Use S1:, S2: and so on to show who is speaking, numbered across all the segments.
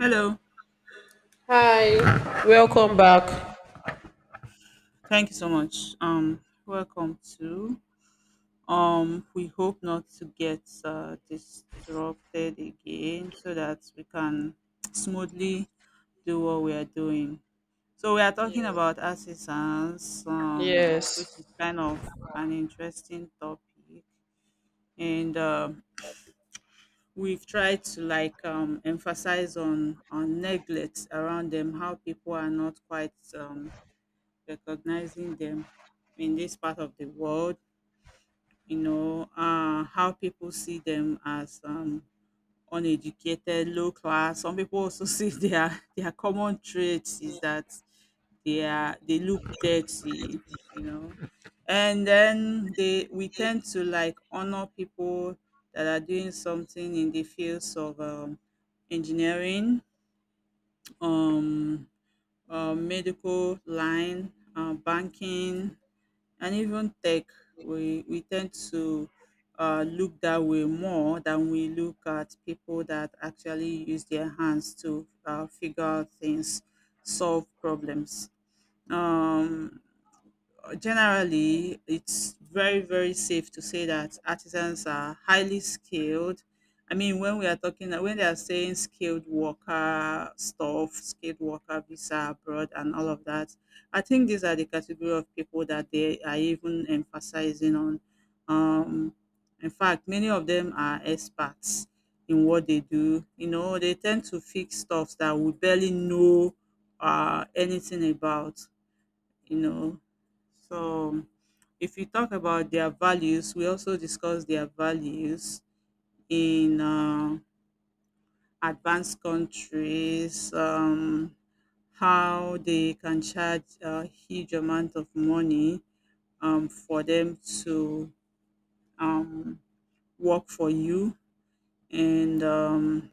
S1: Hello,
S2: Hi. Welcome back.
S1: thank you so much. Welcome to. We hope not to get disrupted again, so that we can smoothly do what we are doing. So we are talking about artisans,
S2: Yes,
S1: which is kind of an interesting topic, and we've tried to like emphasize on neglect around them, how people are not quite recognizing them in this part of the world, how people see them as uneducated, low class. Some people also see their common traits is that they look dirty, you know, and then they we tend to like honor people that are doing something in the fields of engineering, um, medical line, banking, and even tech we tend to look that way more than we look at people that actually use their hands to figure out things solve problems. um, Generally, it's very very safe to say that artisans are highly skilled. I mean, when they are saying skilled worker stuff, skilled worker visa abroad and all of that, I think these are the category of people that they are even emphasizing on. um in fact, many of them are experts in what they do. They tend to fix stuff that we barely know anything about you know. So if you talk about their values, we also discuss their values in advanced countries, how they can charge a huge amount of money for them to um, work for you, and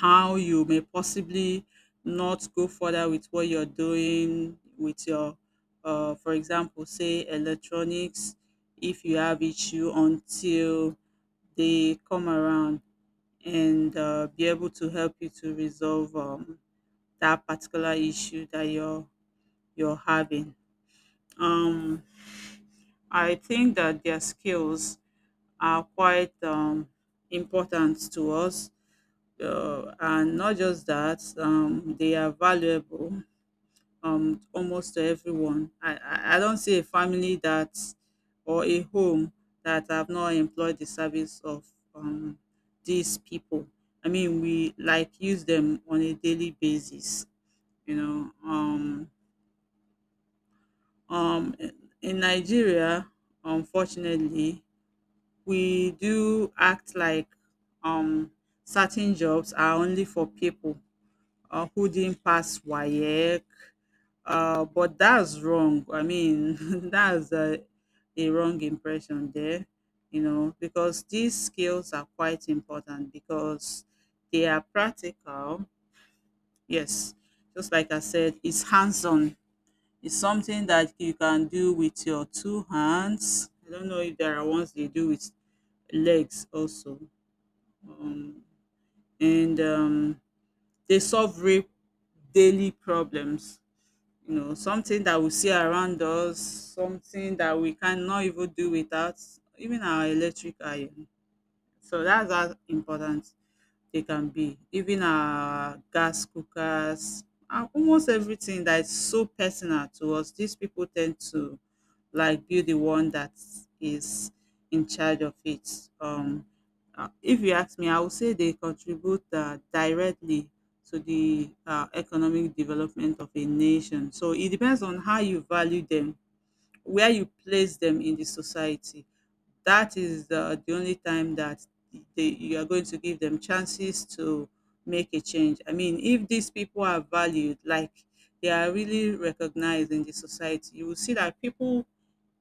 S1: how you may possibly not go further with what you're doing with your, for example, say electronics, if you have issue until they come around and be able to help you to resolve that particular issue that you're having. Um, I think that their skills are quite important to us, and not just that, they are valuable almost to everyone. I don't see a family that or a home that have not employed the service of um, these people. I mean, we like use them on a daily basis you know um, um, in in Nigeria, unfortunately, we do act like um, certain jobs are only for people who didn't pass WAEC. But that's wrong. I mean, that's a wrong impression there, because these skills are quite important because they are practical. Yes, just like I said, it's hands on. It's something that you can do with your two hands. I don't know if there are ones they do with legs also. Um, and They solve real daily problems, something that we see around us, something that we cannot even do without, even our electric iron. So that's how important they can be. Even our gas cookers, and almost everything that is so personal to us, these people tend to like be the one that is in charge of it. Um, if you ask me, I would say they contribute directly to the economic development of a nation. So it depends on how you value them, where you place them in the society. That is the only time that you are going to give them chances to make a change. I mean, if these people are valued, like they are really recognized in the society, you will see that people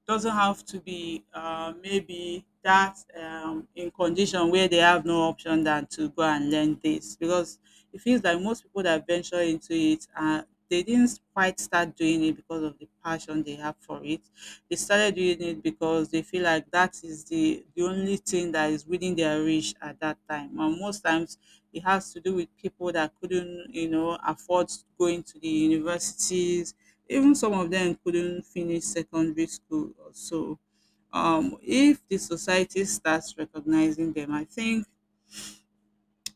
S1: doesn't have to be maybe that in condition where they have no option than to go and learn this, because it feels like most people that venture into it they didn't quite start doing it because of the passion they have for it. They started doing it because they feel like that is the only thing that is within their reach at that time, and most times it has to do with people that couldn't, afford going to the universities. Even some of them couldn't finish secondary school. So, if the society starts recognizing them, I think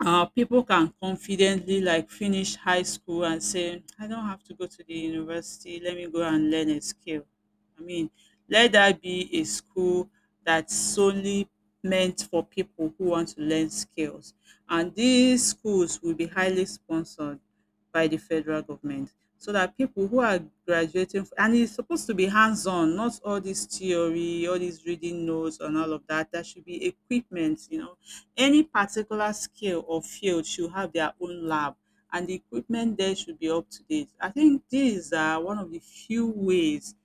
S1: people can confidently like finish high school and say, I don't have to go to the university, let me go and learn a skill. I mean, let that be a school that's solely meant for people who want to learn skills, and these schools will be highly sponsored by the federal government, so that people who are graduating and it's supposed to be hands-on, not all this theory, all these reading notes and all of that. There should be equipment, any particular skill or field should have their own lab, and the equipment there should be up to date. I think these are one of the few ways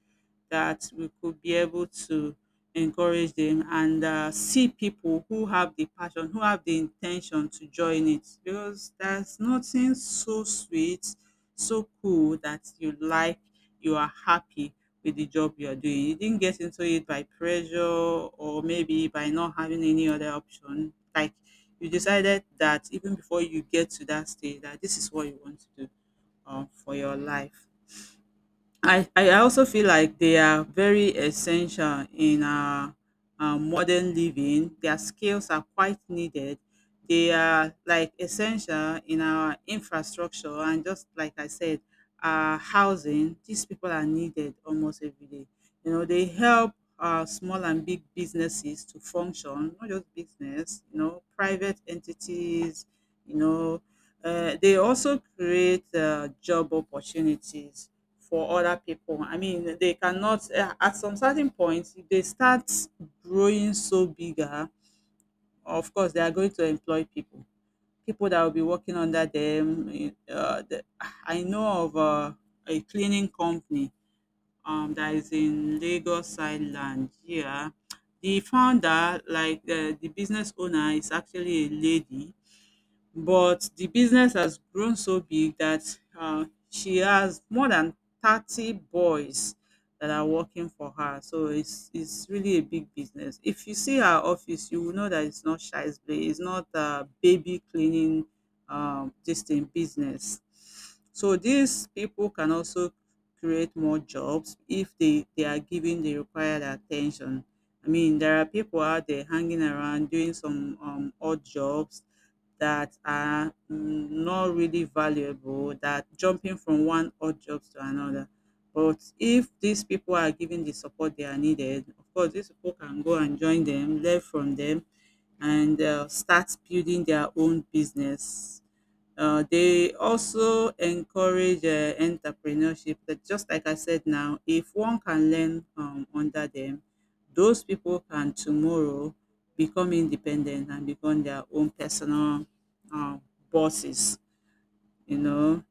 S1: that we could be able to encourage them and see people who have the passion, who have the intention to join it. Because there's nothing so sweet, so cool that you like, you are happy with the job you are doing. You didn't get into it by pressure or maybe by not having any other option. Like you decided that even before you get to that stage, that this is what you want to do for your life. I also feel like they are very essential in our modern living. Their skills are quite needed. They are like essential in our infrastructure and, just like I said, our housing. These people are needed almost every day. You know, they help small and big businesses to function, not just business, private entities, you know, they also create job opportunities for other people. I mean, they cannot, at some certain point, if they start growing so bigger, of course, they are going to employ people. People that will be working under them. I know of a cleaning company that is in Lagos Island here. The founder, like the business owner, is actually a lady, but the business has grown so big that she has more than 30 boys that are working for her. So it's really a big business. If you see her office, you will know that it's not shy's play. It's not a baby cleaning this thing business. So these people can also create more jobs if they are given the required attention. I mean, there are people out there hanging around doing some odd jobs that are not really valuable, that jumping from one odd job to another. But if these people are given the support they are needed, of course, these people can go and join them, learn from them, and start building their own business. They also encourage entrepreneurship. That just like I said now, if one can learn under them, those people can tomorrow become independent and become their own personal um, bosses, you know.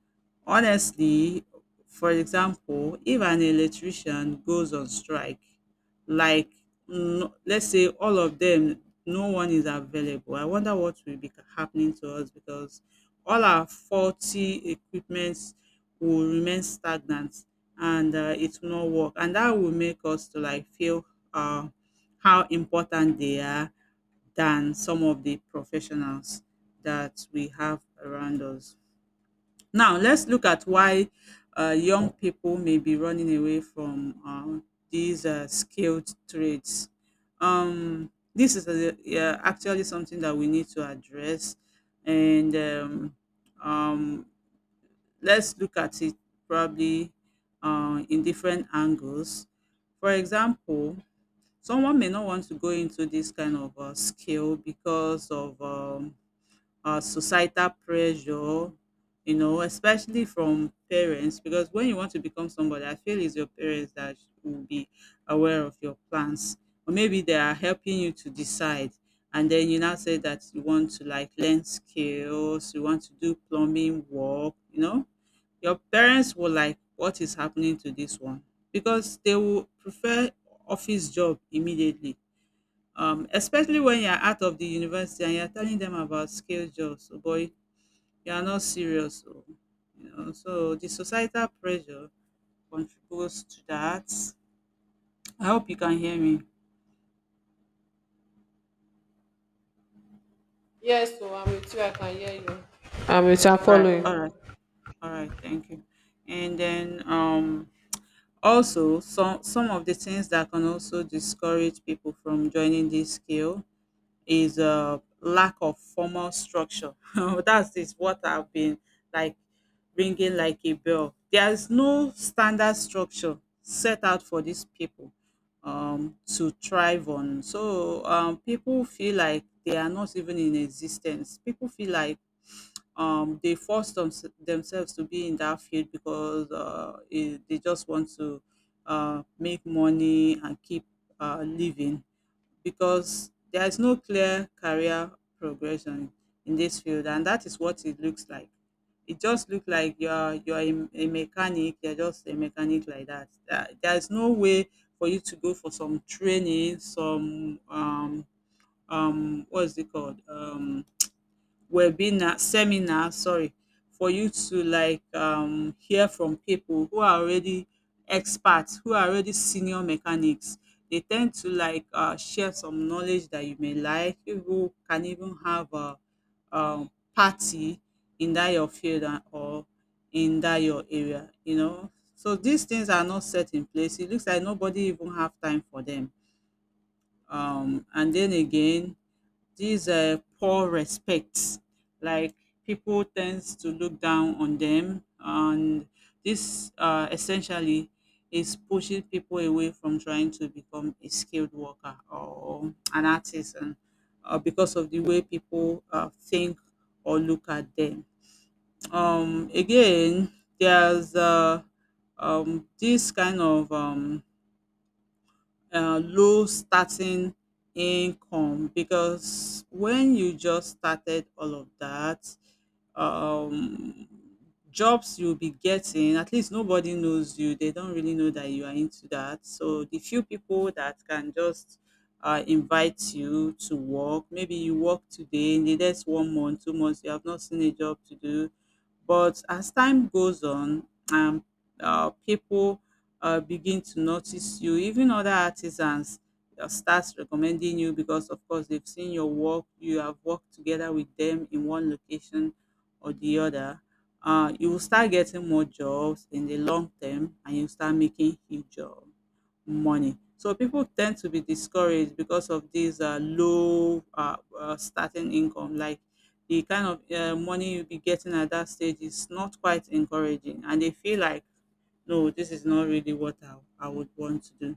S1: Honestly, for example, if an electrician goes on strike, like no, let's say all of them, no one is available. I wonder what will be happening to us, because all our faulty equipments will remain stagnant, and it will not work, and that will make us to like feel uh, how important they are than some of the professionals that we have around us. Now, let's look at why young people may be running away from these skilled trades. This is yeah, actually something that we need to address, and um, let's look at it probably in different angles. For example, someone may not want to go into this kind of skill because of societal pressure, you know, especially from parents. Because when you want to become somebody, I feel it's your parents that will be aware of your plans, or maybe they are helping you to decide. And then you now say that you want to like learn skills, you want to do plumbing work, you know, your parents will like, what is happening to this one? Because they will prefer office job immediately, especially when you're out of the university and you're telling them about scale jobs. Oh boy, you are not serious. Oh, so the societal pressure contributes to that. I hope you can hear me.
S2: Yes, so I'm with you. I can hear you. I'm with you. I'm
S1: All right,
S2: following.
S1: all right, all right, thank you. And then also some of the things that can also discourage people from joining this skill is a lack of formal structure. That is what I've been like ringing like a bell. There is no standard structure set out for these people to thrive on. So people feel like they are not even in existence. People feel like um, they force them, themselves to be in that field because they just want to make money and keep living because there is no clear career progression in this field, and that is what it looks like. It just looks like you're a mechanic, you're just a mechanic like that. There is no way for you to go for some training, some um what's it called? Webinar, seminar, sorry, for you to like hear from people who are already experts, who are already senior mechanics. They tend to like share some knowledge that you may like. You can even have a party in that your field and- or in that your area, you know, so these things are not set in place. It looks like nobody even have time for them. And then again, these poor respects. Like, people tends to look down on them, and this essentially is pushing people away from trying to become a skilled worker or an artisan, because of the way people think or look at them. Again, there's this kind of low starting income, because when you just started all of that um jobs you'll be getting, at least nobody knows you, they don't really know that you are into that, so the few people that can just invite you to work, maybe you work today, in the next 1 month, 2 months you have not seen a job to do. But as time goes on and people begin to notice you, even other artisans start recommending you because, of course, they've seen your work, you have worked together with them in one location or the other. You will start getting more jobs in the long term, and you start making huge jobs money. So people tend to be discouraged because of this low starting income. Like, the kind of money you'll be getting at that stage is not quite encouraging, and they feel like, no, this is not really what I would want to do.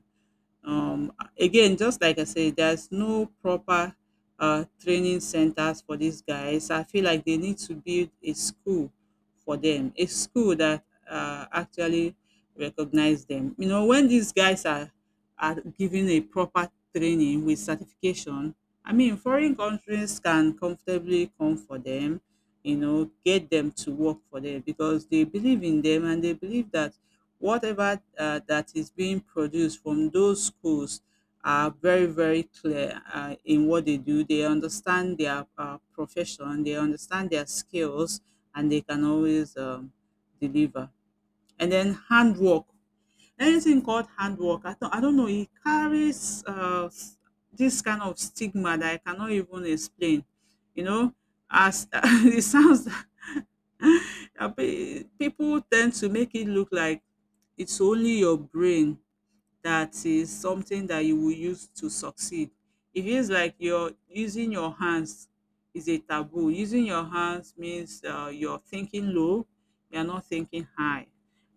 S1: Um, Again, just like I said, there's no proper training centers for these guys. I feel like they need to build a school for them, a school that actually recognize them. You know, when these guys are given a proper training with certification, I mean, foreign countries can comfortably come for them, you know, get them to work for them, because they believe in them, and they believe that whatever that is being produced from those schools are very, very clear in what they do. They understand their profession, they understand their skills, and they can always deliver. And then handwork, anything called hard work, I don't know, it carries this kind of stigma that I cannot even explain. You know, as it sounds, people tend to make it look like it's only your brain that is something that you will use to succeed. It feels like you're using your hands is a taboo. Using your hands means you're thinking low, you're not thinking high.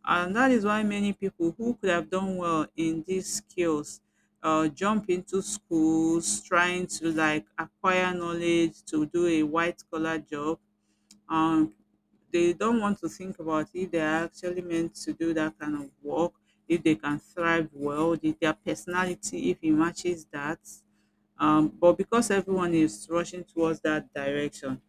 S1: And that is why many people who could have done well in these skills jump into schools trying to like acquire knowledge to do a white collar job, and they don't want to think about if they are actually meant to do that kind of work, if they can thrive well, if their personality, if it matches that. But because everyone is rushing towards that direction,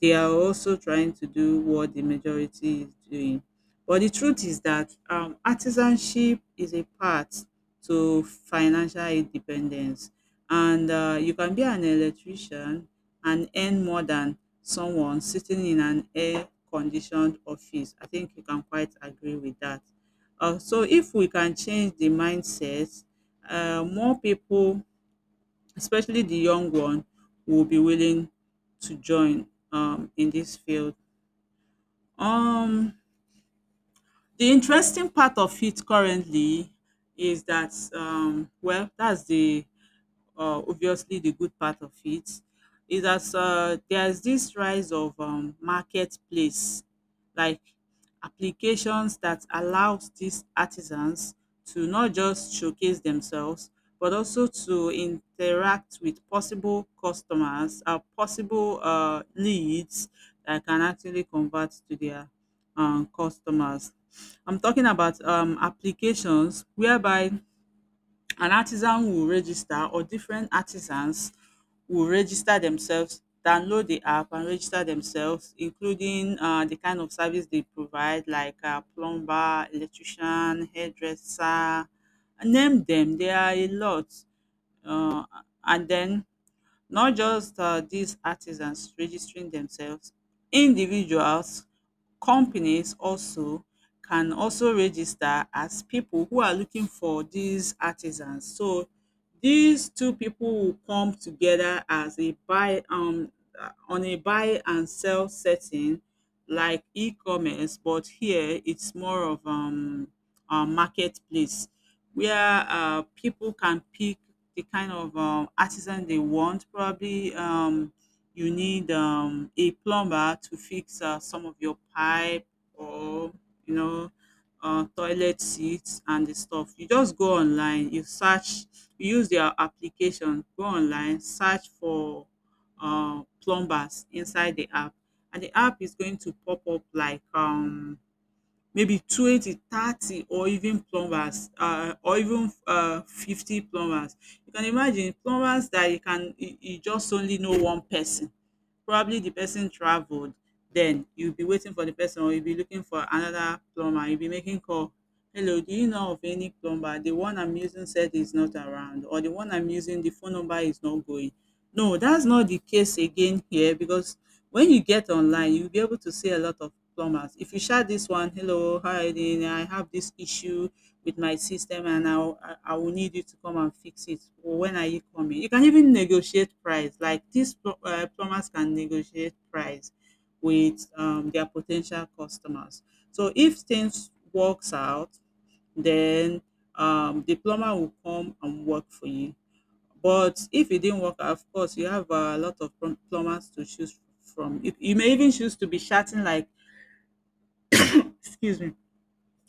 S1: they are also trying to do what the majority is doing. But the truth is that artisanship is a path to financial independence. And you can be an electrician and earn more than someone sitting in an air conditioned office. I think you can quite agree with that. So if we can change the mindset, more people, especially the young one, will be willing to join in this field. Um, the interesting part of it currently is that well, that's the obviously the good part of it is that there's this rise of marketplace like applications that allows these artisans to not just showcase themselves, but also to interact with possible customers, possible leads that can actually convert to their customers. I'm talking about applications whereby an artisan will register, or different artisans will register themselves, download the app and register themselves, including the kind of service they provide, like plumber, electrician, hairdresser, name them. There are a lot. um and then, not just these artisans registering themselves, individuals, companies also can also register as people who are looking for these artisans. So these two people will come together as a buy on a buy and sell setting like e-commerce, but here it's more of marketplace where people can pick the kind of artisan they want. Probably you need a plumber to fix some of your pipe or, you know, toilet seats and the stuff. You just go online, you search, you use their application, go online, search for plumbers inside the app, and the app is going to pop up like maybe 20, 30, or even plumbers or even 50 plumbers. You can imagine plumbers that you can you you just only know one person. Probably the person traveled, then you'll be waiting for the person, or you'll be looking for another plumber. You'll be making call. "Hello, do you know of any plumber? The one I'm using said is not around," or "The one I'm using, the phone number is not going." No, that's not the case again here, because when you get online, you'll be able to see a lot of plumbers. If you shout this one, hello, how are you doing? I have this issue with my system, and I will need you to come and fix it. Or when are you coming? You can even negotiate price. Like these plumbers can negotiate price with their potential customers. So if things works out, then the plumber will come and work for you. But if it didn't work, of course, you have a lot of plumbers to choose from. You may even choose to be shouting like, excuse me,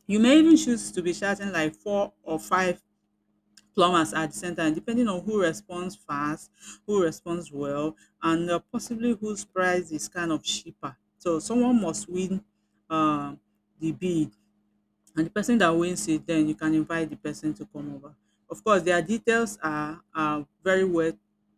S1: you may even choose to be shouting like 4 or 5 plumbers at the same time, depending on who responds fast, who responds well, and possibly whose price is kind of cheaper. So someone must win uh, the bid, and the person that wins it, then you can invite the person to come over. Of course, their details are very well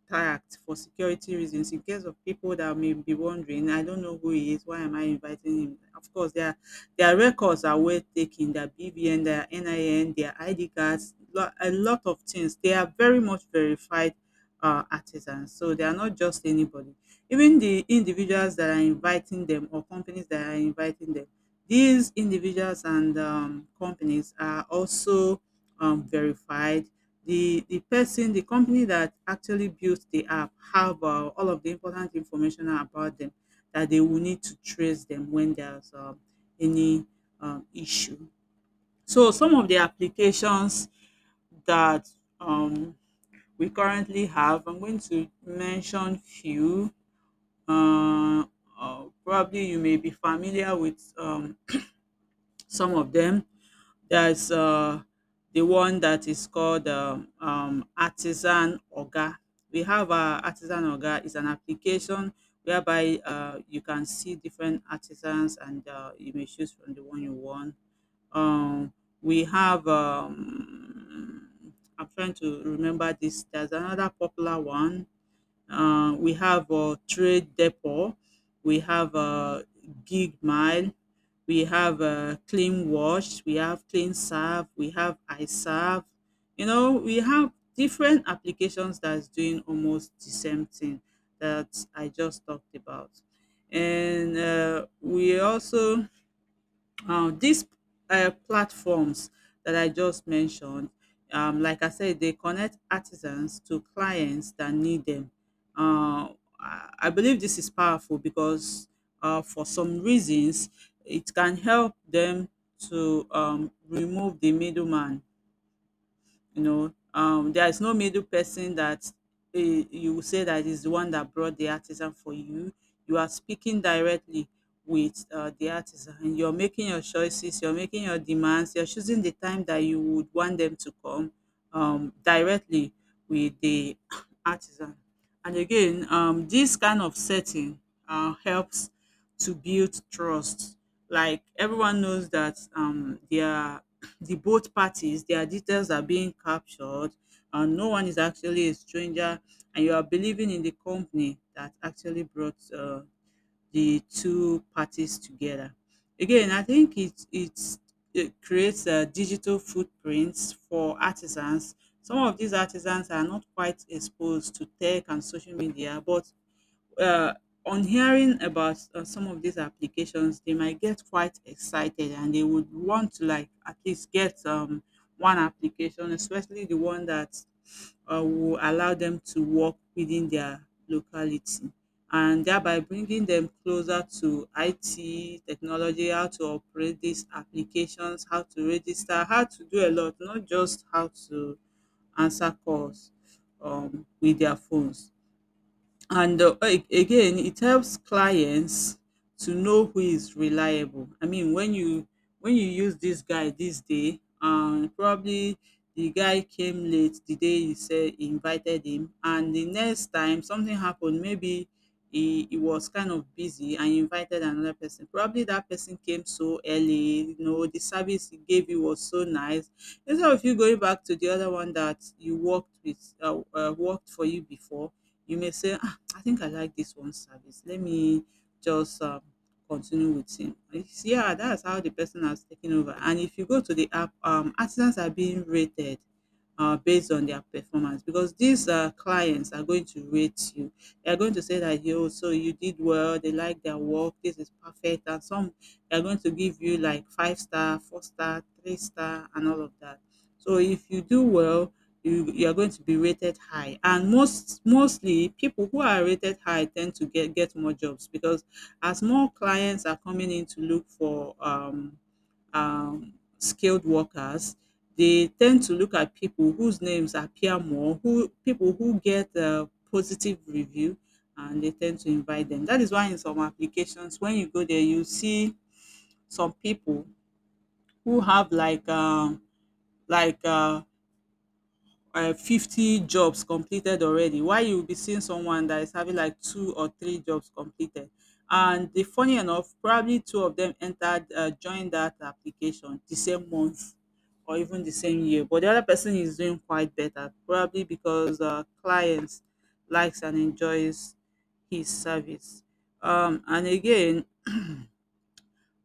S1: tagged for security reasons, in case of people that may be wondering, I don't know who he is, why am I inviting him. Of course, their records are well taken, their BVN, their NIN, their ID cards, a lot of things, they are very much verified artisans, so they are not just anybody. Even the individuals that are inviting them, or companies that are inviting them, these individuals and companies are also verified. The person, the company that actually built the app have all of the important information about them that they will need to trace them when there's any issue. So some of the applications that um, we currently have, I'm going to mention few. Uh, Probably you may be familiar with some of them. There's the one that is called Artisan Oga. We have Artisan Oga. Is an application whereby you can see different artisans, and you may choose from the one you want. Um, we have, I'm trying to remember this. There's another popular one. We have Trade Depot, we have Gig Mile, we have Clean Wash, we have Clean Serve, we have iServe. You know, we have different applications that's doing almost the same thing that I just talked about. And we also these platforms that I just mentioned, like I said, they connect artisans to clients that need them. Uh, I believe this is powerful because, for some reasons, it can help them to remove the middleman. You know, there is no middle person that you will say that is the one that brought the artisan for you. You are speaking directly with the artisan, and you're making your choices, you're making your demands, you're choosing the time that you would want them to come, directly with the artisan. And again, this kind of setting helps to build trust. Like, everyone knows that the both parties, their details are being captured, and no one is actually a stranger, and you are believing in the company that actually brought the two parties together. Again, I think it creates digital footprints for artisans. Some of these artisans are not quite exposed to tech and social media, but uh, on hearing about some of these applications, they might get quite excited and they would want to like at least get one application, especially the one that will allow them to work within their locality and thereby bringing them closer to IT technology, how to operate these applications, how to register, how to do a lot, not just how to answer calls with their phones. And again, it helps clients to know who is reliable. I mean, when you use this guy this day, probably the guy came late the day you said you invited him, and the next time something happened, maybe he was kind of busy and you invited another person. Probably that person came so early, the service he gave you was so nice. Instead of you going back to the other one that you worked with, worked for you before, you may say, I think I like this one service. Let me just continue with him. Yeah, that's how the person has taken over. And if you go to the app, artisans are being rated based on their performance because these clients are going to rate you. They are going to say that yo, so you did well. They like their work. This is perfect. And some they are going to give you like five star, four star, three star, and all of that. So if you do well, you are going to be rated high and mostly people who are rated high tend to get more jobs because as more clients are coming in to look for skilled workers, they tend to look at people whose names appear more, who people who get a positive review, and they tend to invite them. That is why in some applications when you go there you see some people who have like like uh 50 jobs completed already, why you will be seeing someone that is having like two or three jobs completed. And the funny enough, probably two of them entered joined that application the same month or even the same year, but the other person is doing quite better probably because clients likes and enjoys his service. And again,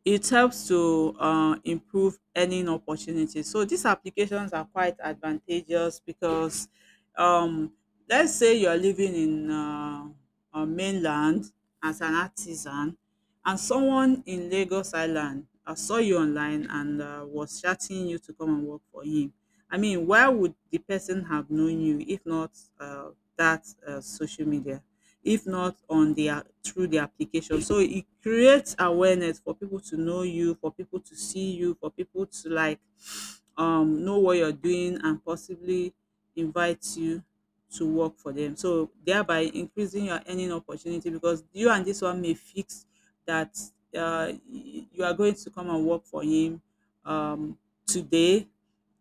S1: it helps to improve earning opportunities. So these applications are quite advantageous because um, let's say you're living in mainland as an artisan and someone in Lagos Island saw you online and was shouting you to come and work for him. I mean, where would the person have known you if not that social media? If not on their through the application. So it creates awareness for people to know you, for people to see you, for people to like know what you're doing and possibly invite you to work for them. So thereby increasing your earning opportunity, because you and this one may fix that you are going to come and work for him um, today,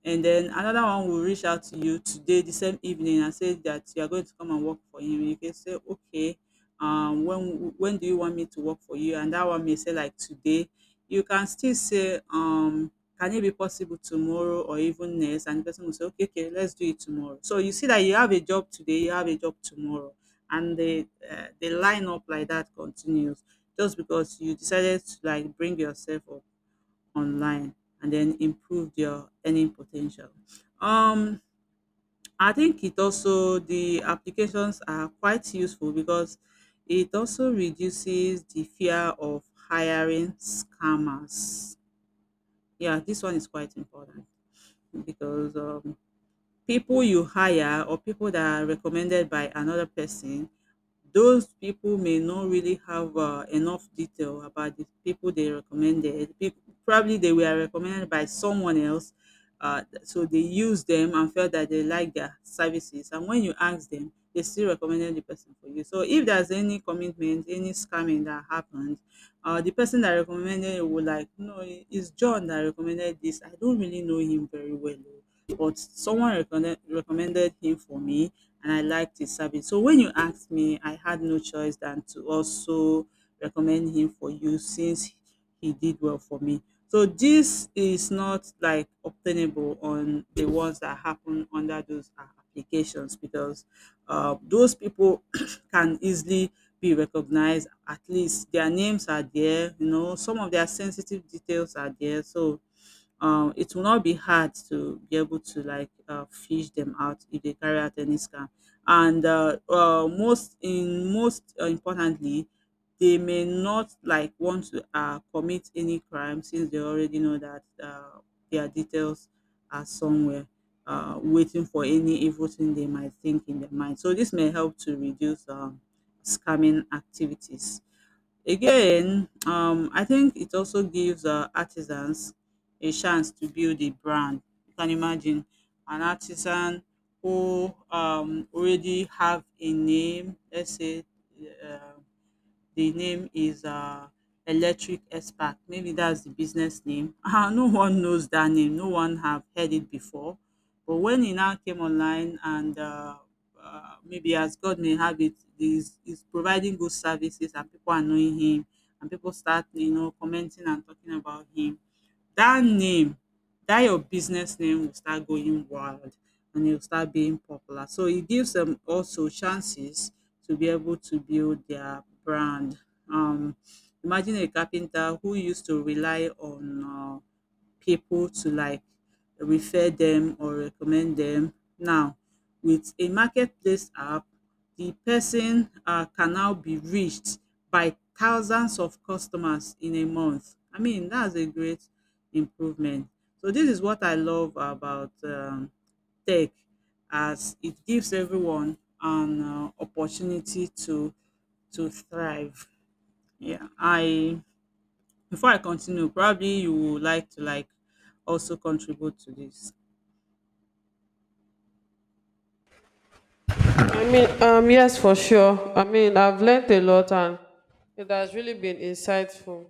S1: and then another one will reach out to you today, the same evening, and say that you are going to come and work for him. You can say, okay, when do you want me to work for you? And that one may say like today. You can still say, can it be possible tomorrow or even next? And the person will say, okay, okay, let's do it tomorrow. So you see that you have a job today, you have a job tomorrow, and the line up like that continues, just because you decided to like bring yourself up online and then improve your earning potential. Um, I think it also the applications are quite useful because it also reduces the fear of hiring scammers. Yeah, this one is quite important because people you hire or people that are recommended by another person, those people may not really have enough detail about the people they recommended. People, probably they were recommended by someone else, so they used them and felt that they like their services. And when you ask them, they still recommended the person for you. So if there's any commitment, any scamming that happened, the person that recommended it would like, no, it's John that recommended this. I don't really know him very well, oh, but someone recommended him for me and I liked his service. So when you asked me, I had no choice than to also recommend him for you since he did well for me. So this is not like obtainable on the ones that happen under those applications because those people can easily be recognized. At least their names are there, you know, some of their sensitive details are there. So it will not be hard to be able to like fish them out if they carry out any scam. And most in most importantly, they may not like want to commit any crime since they already know that their details are somewhere waiting for any evil thing they might think in their mind. So this may help to reduce scamming activities. Again, I think it also gives artisans a chance to build a brand. You can imagine an artisan who already have a name, let's say, um, the name is Electric Expert. Maybe that's the business name. Ah, no one knows that name. No one have heard it before. But when he now came online and maybe as God may have it, is providing good services and people are knowing him, and people start, you know, commenting and talking about him. That name, that your business name will start going wild, and it will start being popular. So it gives them also chances to be able to build their brand. Um, Imagine a carpenter who used to rely on people to like refer them or recommend them. Now, with a marketplace app, the person can now be reached by thousands of customers in a month. I mean, that's a great improvement. So this is what I love about tech, as it gives everyone an opportunity to thrive. Yeah, I, before I continue, probably you would like to like also contribute to this.
S2: I mean, yes, for sure. I mean, I've learned a lot and it has really been insightful.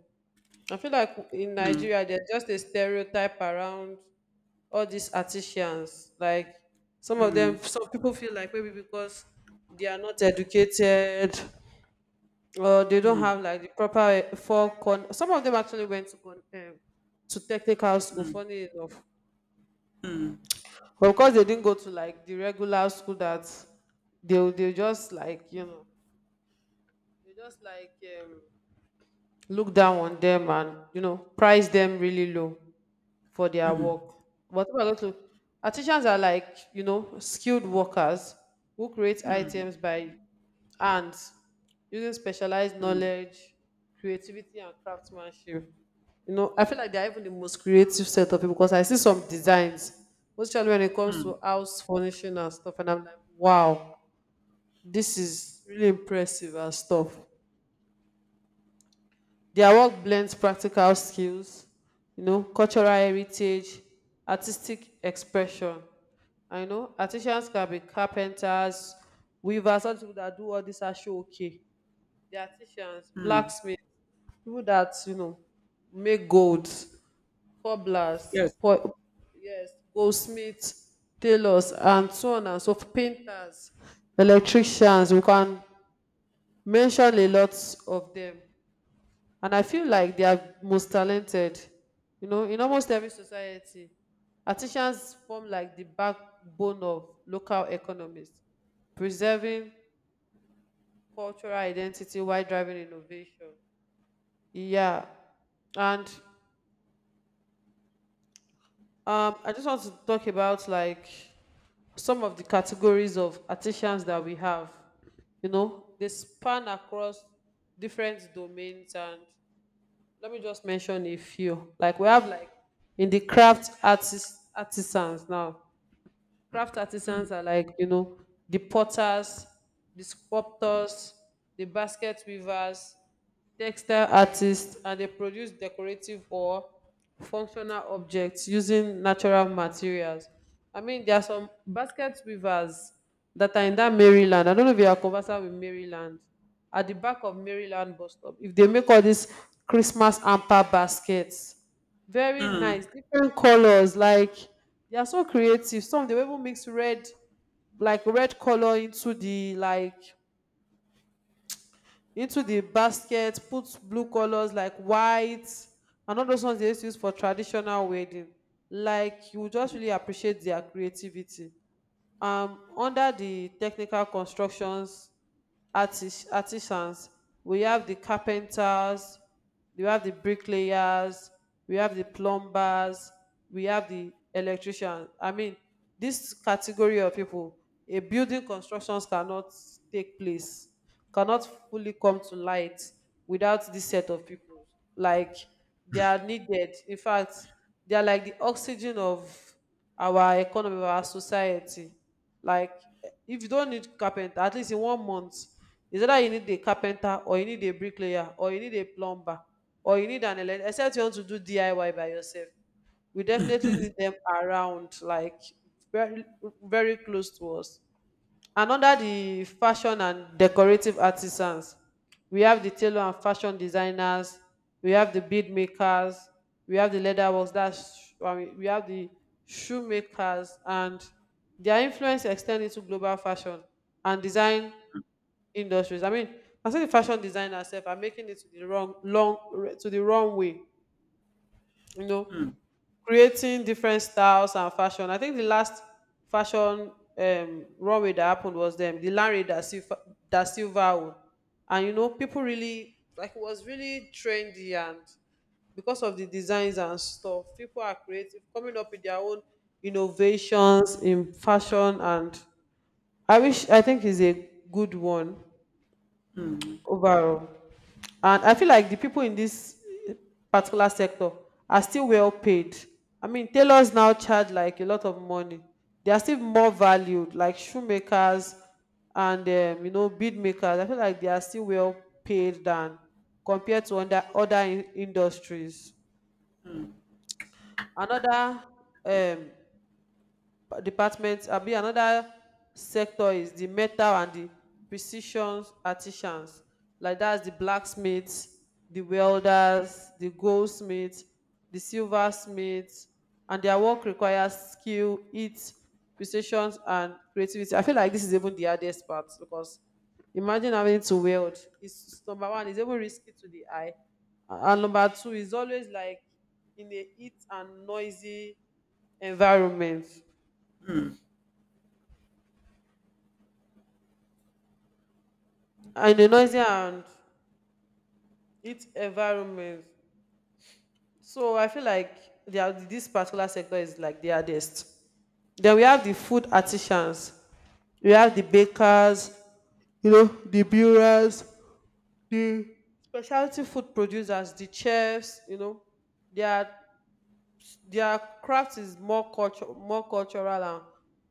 S2: I feel like in
S1: Mm,
S2: Nigeria, there's just a stereotype around all these artisans. Like some of them,
S1: mm,
S2: some people feel like maybe because they are not educated or they don't
S1: mm,
S2: have like the proper for con. Some of them actually went to con to technical school. Funny enough,
S1: mm,
S2: but of course they didn't go to like the regular school that they will- they just like you know they just like um, look down on them, and you know, price them really low for their
S1: mm,
S2: work. But if I go to, our teachers are like, you know, skilled workers who create
S1: mm,
S2: items by hands, using specialized
S1: mm,
S2: knowledge, creativity, and craftsmanship. You know, I feel like they're even the most creative set of people because I see some designs, especially when it comes
S1: mm,
S2: to house furnishing and stuff, and I'm like, wow, this is really impressive and stuff. Their work blends practical skills, you know, cultural heritage, artistic expression. I know artisans can be carpenters, weavers, some people that do all this are sure okay. The artisans,
S1: mm.
S2: blacksmiths, people that, you know, make gold, cobblers,
S1: Yes.
S2: yes, goldsmiths, tailors, and so on and so forth, painters, electricians. We can mention a lot of them, and I feel like they are most talented. You know, in almost every society, artisans form like the backbone of local economies, preserving cultural identity while driving innovation. Yeah. And I just want to talk about like some of the categories of artisans that we have. You know, they span across different domains, and let me just mention a few. Like we have like in the craft artist artisans now. Craft artisans are like, you know, the potters, the sculptors, the basket weavers, textile artists, and they produce decorative or functional objects using natural materials. I mean, there are some basket weavers that are in that Maryland. I don't know if you are conversant with Maryland. At the back of Maryland bus stop, if they make all these Christmas hamper baskets, very nice.
S1: Mm,
S2: Different colors, like they are so creative. Some they will even mix red, like red color into the basket, put blue colors like white, and all those ones they used to use for traditional wedding. Like you will just really appreciate their creativity. Under the technical constructions artisans. We have the carpenters, we have the bricklayers, we have the plumbers, we have the electricians. I mean, this category of people, a building constructions cannot take place, cannot fully come to light without this set of people. Like, they are needed. In fact, they are like the oxygen of our economy, of our society. Like, if you don't need carpenter at least in 1 month, is either you need a carpenter, or you need a bricklayer, or you need a plumber, or you need an electrician, except you want to do diy by yourself. We definitely need them around, like very very close to us. And under the fashion and decorative artisans, we have the tailor and fashion designers, we have the bead makers, we have the leather works, I mean, we have the shoemakers, and their influence extend into global fashion and design industries. I mean, I say the fashion designers sef are making it to the wrong way. You know,
S1: mm,
S2: creating different styles and fashion. I think the last fashion runway that happened was them, the Larry da Silva one. And you know, people really like it was really trendy, and because of the designs and stuff, people are creative, coming up with their own innovations in fashion. And I think is a good one
S1: mm,
S2: overall. And I feel like the people in this particular sector are still well paid. I mean, tailors now charge like a lot of money. They are still more valued, like shoemakers and you know, bead makers. I feel like they are still well paid than compared to other industries.
S1: mm.
S2: Another um, department abi another sector is the metal and the precision artisans, like that's the blacksmiths, the welders, the goldsmiths, the silversmiths, and their work requires skill, heat, precision, and creativity. I feel like this is even the hardest part because imagine having to weld. It's number one, it's even risky to the eye, and number two, is always like in a heat and noisy environment. And a noisy and its environment. So I feel like this particular sector is like the hardest. Then we have the food artisans, we have the bakers, you know, the brewers, the specialty food producers, the chefs. You know, their their craft is more cultural and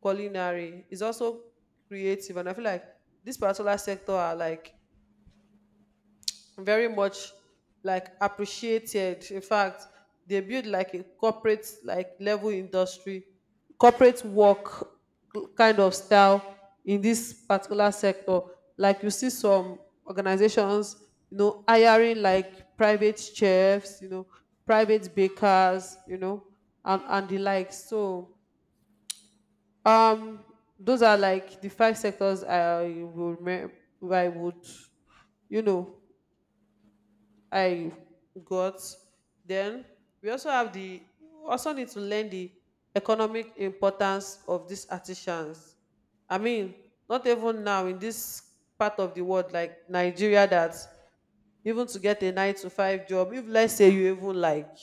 S2: culinary. It's also creative, and I feel like this particular sector are like very much like appreciated. In fact, they build like a corporate like level industry, corporate work kind of style, in this particular sector. Like, you see some organizations, you know, hiring like private chefs, you know, private bakers, you know, and the likes. So um those are like the five sectors I would, you know, I got. Then we also need to learn the economic importance of these artisans. I mean, not even now in this part of the world like Nigeria that even to get a 9 to 5 job, if let's say you even like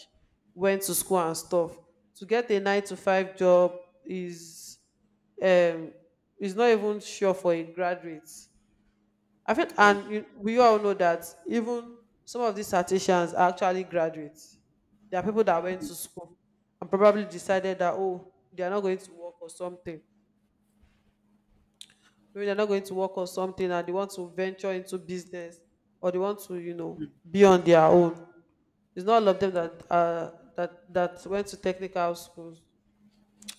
S2: went to school and stuff, to get a 9 to 5 job is, um is not even sure for a graduate. I feel,
S1: Yeah.
S2: and you, we all know that even some of these artisans are actually graduates. There are people that went
S1: Mm.
S2: to school and probably decided that, oh, they are not going to work or something. Maybe they're not going to work or something, and they want to venture into business, or they want to, you know, be on their own. It's not all of them that went to technical schools.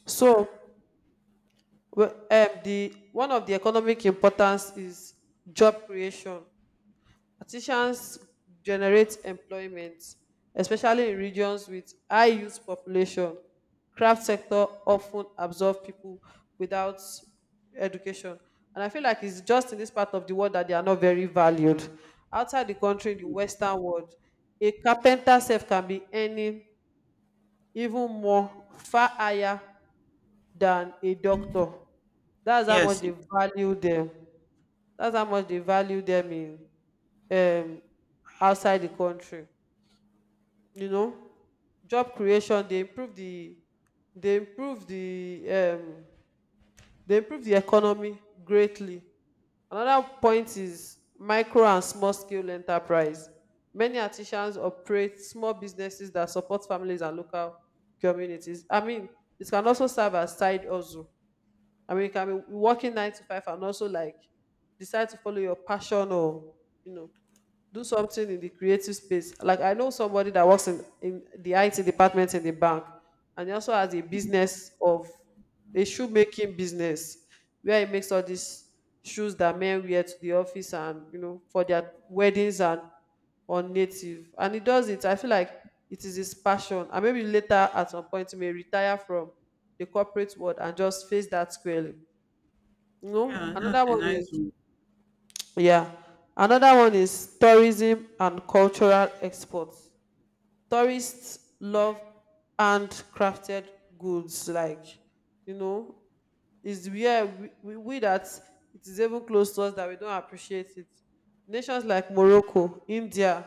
S2: So, well, one of the economic importance is job creation. Artisans generate employment, especially in regions with high youth population. Craft sector often absorb people without education. And I feel like it's just in this part of the world that they are not very valued. Outside the country, in the Western world, a carpenter self can be earning even more, far higher than a doctor. That's how much
S1: Yes. Yeah,
S2: they value them. That's how much they value them in, um outside the country. You know, job creation, they improve the they improve the they improve the economy greatly. Another point is micro and small scale enterprise. Many artisans operate small businesses that support families and local communities. I mean, it can also serve as side hustle. I mean, you can be working 9 to 5 and also like decide to follow your passion, or you know, do something in the creative space. Like I know somebody that works in the IT department in the bank, and he also has a business of a shoemaking business where he makes all these shoes that men wear to the office, and you know, for their weddings and on native. And he does it. I feel like it is his passion. And maybe later at some point he may retire from the corporate world and just face that squarely. You know,
S1: yeah, that's
S2: another
S1: a
S2: one
S1: nice
S2: is,
S1: one.
S2: yeah. Another one is tourism and cultural exports. Tourists love handcrafted goods, like, you know, it's where we that it is even close to us that we don't appreciate it. Nations like Morocco, India,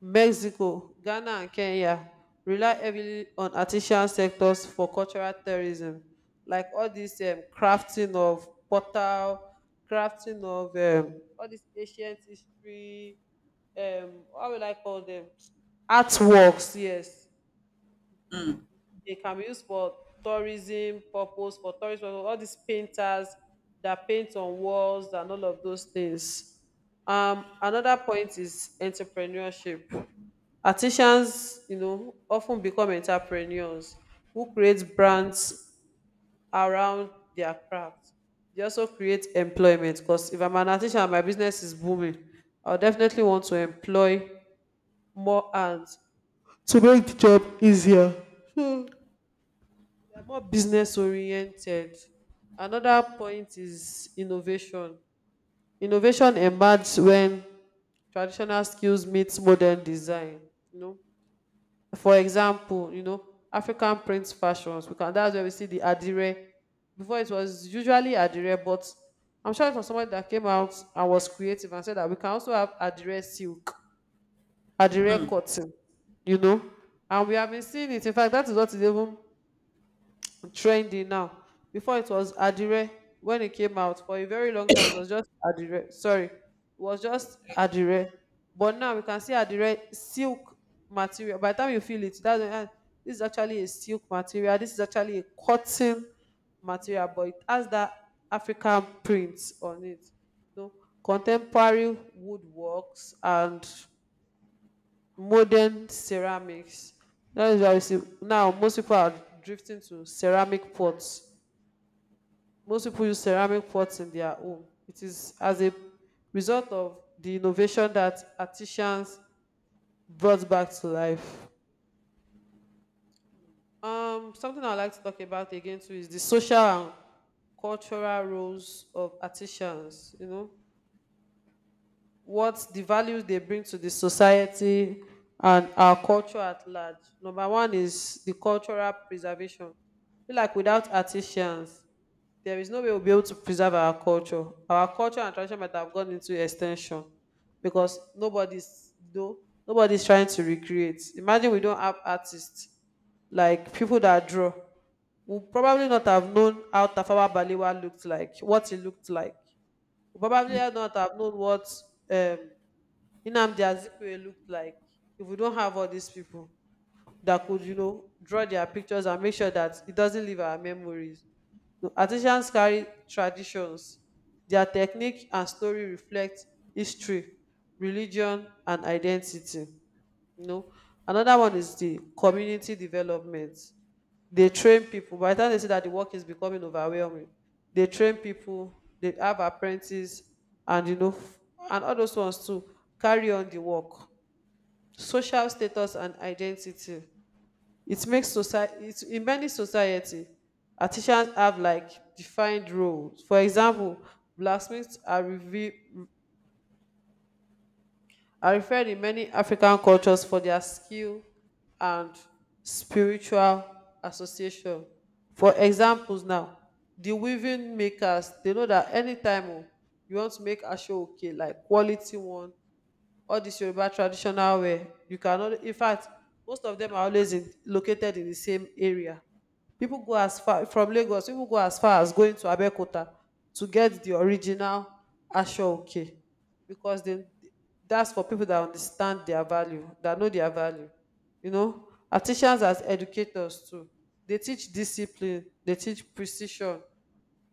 S2: Mexico, Ghana, and Kenya rely heavily on artisan sectors for cultural tourism, like all this crafting of portal, crafting of all this ancient history, what will I call them? Artworks, yes,
S1: Mm,
S2: they can be used for tourism purpose, for tourism. All these painters that paint on walls and all of those things. Another point is entrepreneurship. Artisans, you know, often become entrepreneurs who create brands around their craft. They also create employment because if I'm an artisan and my business is booming, I'll definitely want to employ more hands to make the job easier. I'm more business oriented. Another point is innovation. Innovation emerges when traditional skills meets modern design. You know, for example, you know, African print fashions. We can That's where we see the adire. Before it was usually adire, but I'm sure it was someone that came out and was creative and said that we can also have adire silk, adire
S1: mm,
S2: cotton. You know, and we have been seeing it. In fact, that is what is even trendy now. Before it was Adire when it came out for a very long time. It was just Adire. Sorry, it was just Adire. But now we can see Adire silk material. By the time you feel it, that's when, "Ah, this is actually a silk material. This is actually a cotton material, but it has that African print on it. You know, contemporary woodworks and modern ceramics. That is why you see now most people are drifting to ceramic pots. Most people use ceramic pots in their home. It is as a result of the innovation that artisans brought back to life. Something I'd like to talk about again too is the social and cultural roles of artisans. What the values they bring to the society and our culture at large. Number one is the cultural preservation. I feel like without artisans, there is no way we'll be able to preserve our culture. Our culture and tradition might have gone into extinction because nobody's no, nobody's trying to recreate. Imagine we don't have artists like people that draw. We'll probably not have known how Tafawa Balewa looked like, what he looked like. We'll probably not have known what um Nnamdi Azikiwe looked like if we don't have all these people that could draw their pictures and make sure that it doesn't leave our memories. No, artisans carry traditions. Their technique and story reflect history, religion, and identity. You know, another one is the community development. They train people. By the time they see that the work is becoming overwhelming, they train people. They have apprentices and you know f- and all those ones to carry on the work. Social status and identity. It makes society it, in many society, artisans have like defined roles. For example, blacksmiths are referred in many African cultures for their skill and spiritual association. For examples now, the weaving makers, they know that anytime oh, you want to make ashoke, like quality one, all this Yoruba traditional wear. You cannot, in fact, most of them are always located in the same area. People go as far from Lagos, people go as far as going to Abeokuta to get the original Asho Oke because then that's for people that understand their value, that know their value. Artisans as educators too. They teach discipline, they teach precision,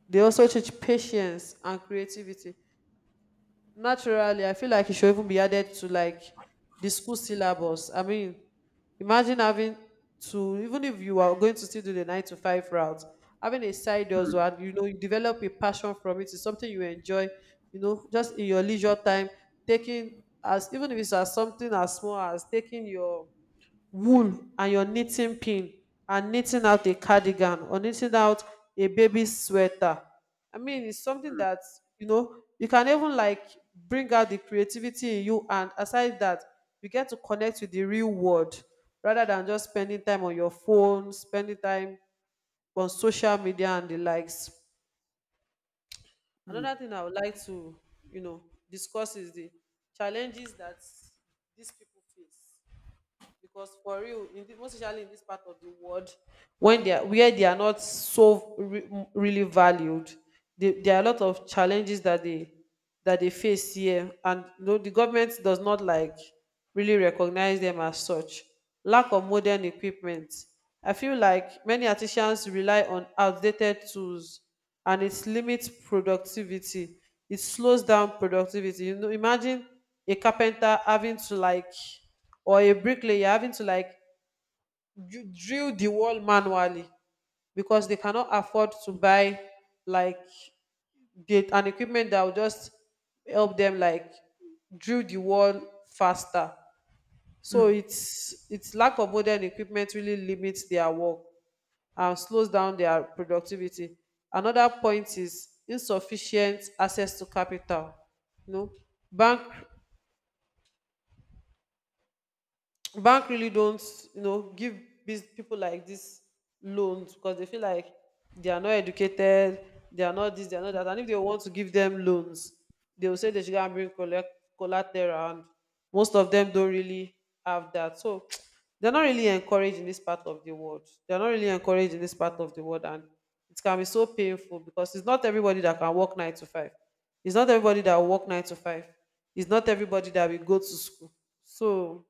S2: they also teach patience and creativity. Naturally, I feel like it should even be added to like the school syllabus. I mean, imagine having to, even if you are going to still do the 9 to 5 route, having a side hustle, and you know you develop a passion from it. It's something you enjoy. Just in your leisure time, taking as even if it's as something as small as taking your wool and your knitting pin and knitting out a cardigan or knitting out a baby sweater. I mean, it's something
S1: mm,
S2: that you know you can even like bring out the creativity in you, and aside that, you get to connect with the real world rather than just spending time on your phone, spending time on social media and the likes.
S1: mm,
S2: Another thing I would like to, you know, discuss is the challenges that these people face because for real most especially in this part of the world, when they are not so really valued. There are a lot of challenges that they face here. And the government does not like really recognize them as such. Lack of modern equipment. I feel like many artisans rely on outdated tools, and it limits productivity. It slows down productivity. Imagine a carpenter having to like, or a bricklayer having to like drill the wall manually, because they cannot afford to buy like an equipment that will just help them like drill the wall faster. So
S1: mm,
S2: it's lack of modern equipment really limits their work and slows down their productivity. Another point is insufficient access to capital. You know, bank bank really don't give people like this loans, because they feel like they are not educated, they are not this, they are not that. And if they want to give them loans, they will say they should go and bring collect collateral, and most of them don't really have that. So they're not really encouraged in this part of the world, they're not really encouraged in this part of the world. And it can be so painful because it's not everybody that can work 9 to 5, it's not everybody that will work 9 to 5, it's not everybody that will go to school. So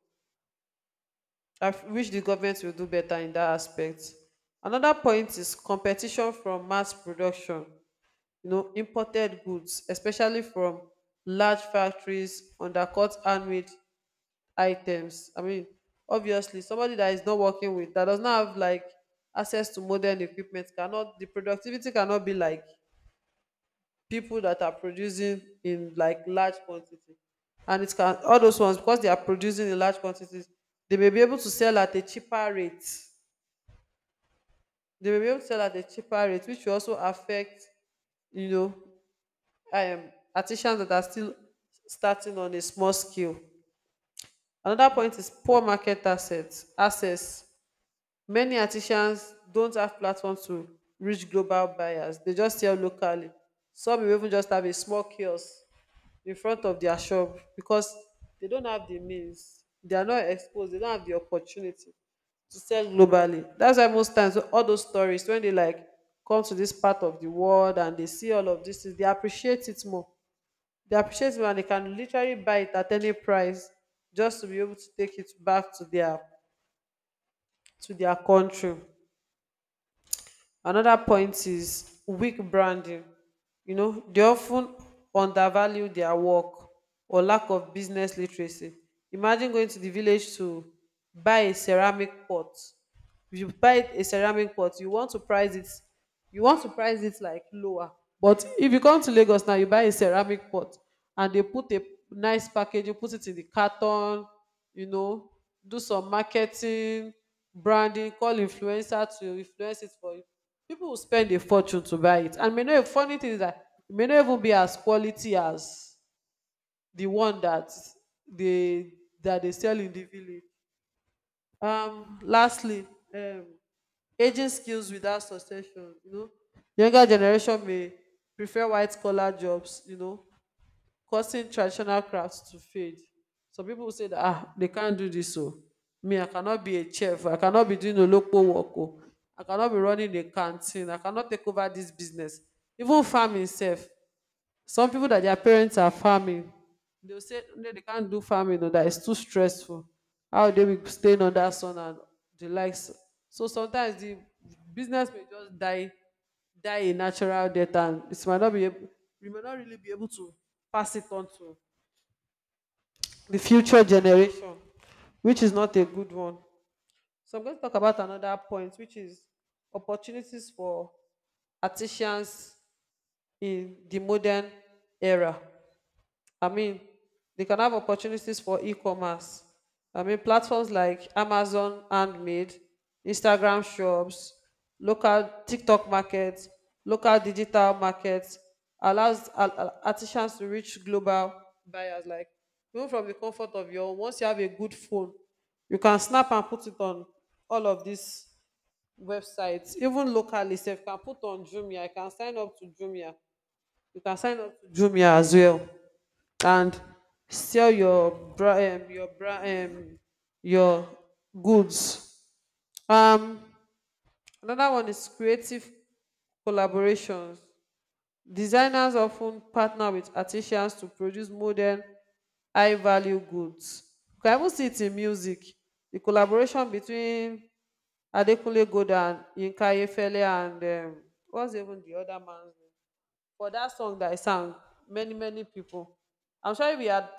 S2: I wish the government will do better in that aspect. Another point is competition from mass production, imported goods, especially from large factories, undercut handmade items. I mean, obviously, somebody that is not working with, that does not have like access to modern equipment, cannot, the productivity cannot be like people that are producing in like large quantity. All those ones, because they are producing in large quantities, they may be able to sell at a cheaper rate. They will be able to sell at a cheaper rate, which will also affect, you know, artisans that are still starting on a small scale. Another
S1: mm.
S2: point is poor market assets. Access. Many artisans don't have platforms to reach global buyers. They just sell locally. Some will even just have a small kiosk in front of their shop because they don't have the means. They are not exposed. They don't have the opportunity to sell globally. That's why most times all those stories, when they like come to this part of the world and they see all of this, they appreciate it more. They appreciate it more, and they can literally buy it at any price just to be able to take it back to their country. Another point is weak branding. They often undervalue their work or lack of business literacy. Imagine going to the village to buy a ceramic pot. If you buy a ceramic pot, you want to price it like lower. But if you come to Lagos now, you buy a ceramic pot and they put a nice package. You put it in the carton you know do some marketing, branding, call influencer to influence it for you. People will spend a fortune to buy it, and may not, funny thing is that it may not even be as quality as the one they that they sell in the village. Lastly, um Aging skills without succession, you know. Younger generation may prefer white collar jobs, causing traditional crafts to fade. Some people say that they can't do this. So me, I cannot be a chef, I cannot be doing a local work, oh. I cannot be running a canteen, I cannot take over this business. Even farming itself." Some people that their parents are farming, they'll say no, they can't do farming or that it's too stressful. How they will stay under sun and the likes. So sometimes the business may just die a natural death, and it might not be able, we may not really be able to pass it on to the future generation, which is not a good one. So I'm going to talk about another point, which is opportunities for artisans in the modern era. I mean, they can have opportunities for e-commerce. I mean, platforms like Amazon Handmade, Instagram shops, local TikTok markets, local digital markets allows artisans to reach global buyers. Like even from the comfort of your own, once you have a good phone, you can snap and put it on all of these websites, even locally. If you can put on Jumia, you can sign up to Jumia. You can sign up to Jumia as well and sell your bra your bra your goods. Um another one is creative collaborations. Designers often partner with artisans to produce modern high value goods. You can even see it in music. The collaboration between Adekunle Gold and Yinka Ayefele and um, what's even the other man's name? For that song that I sang, many, many people. I'm sure if we had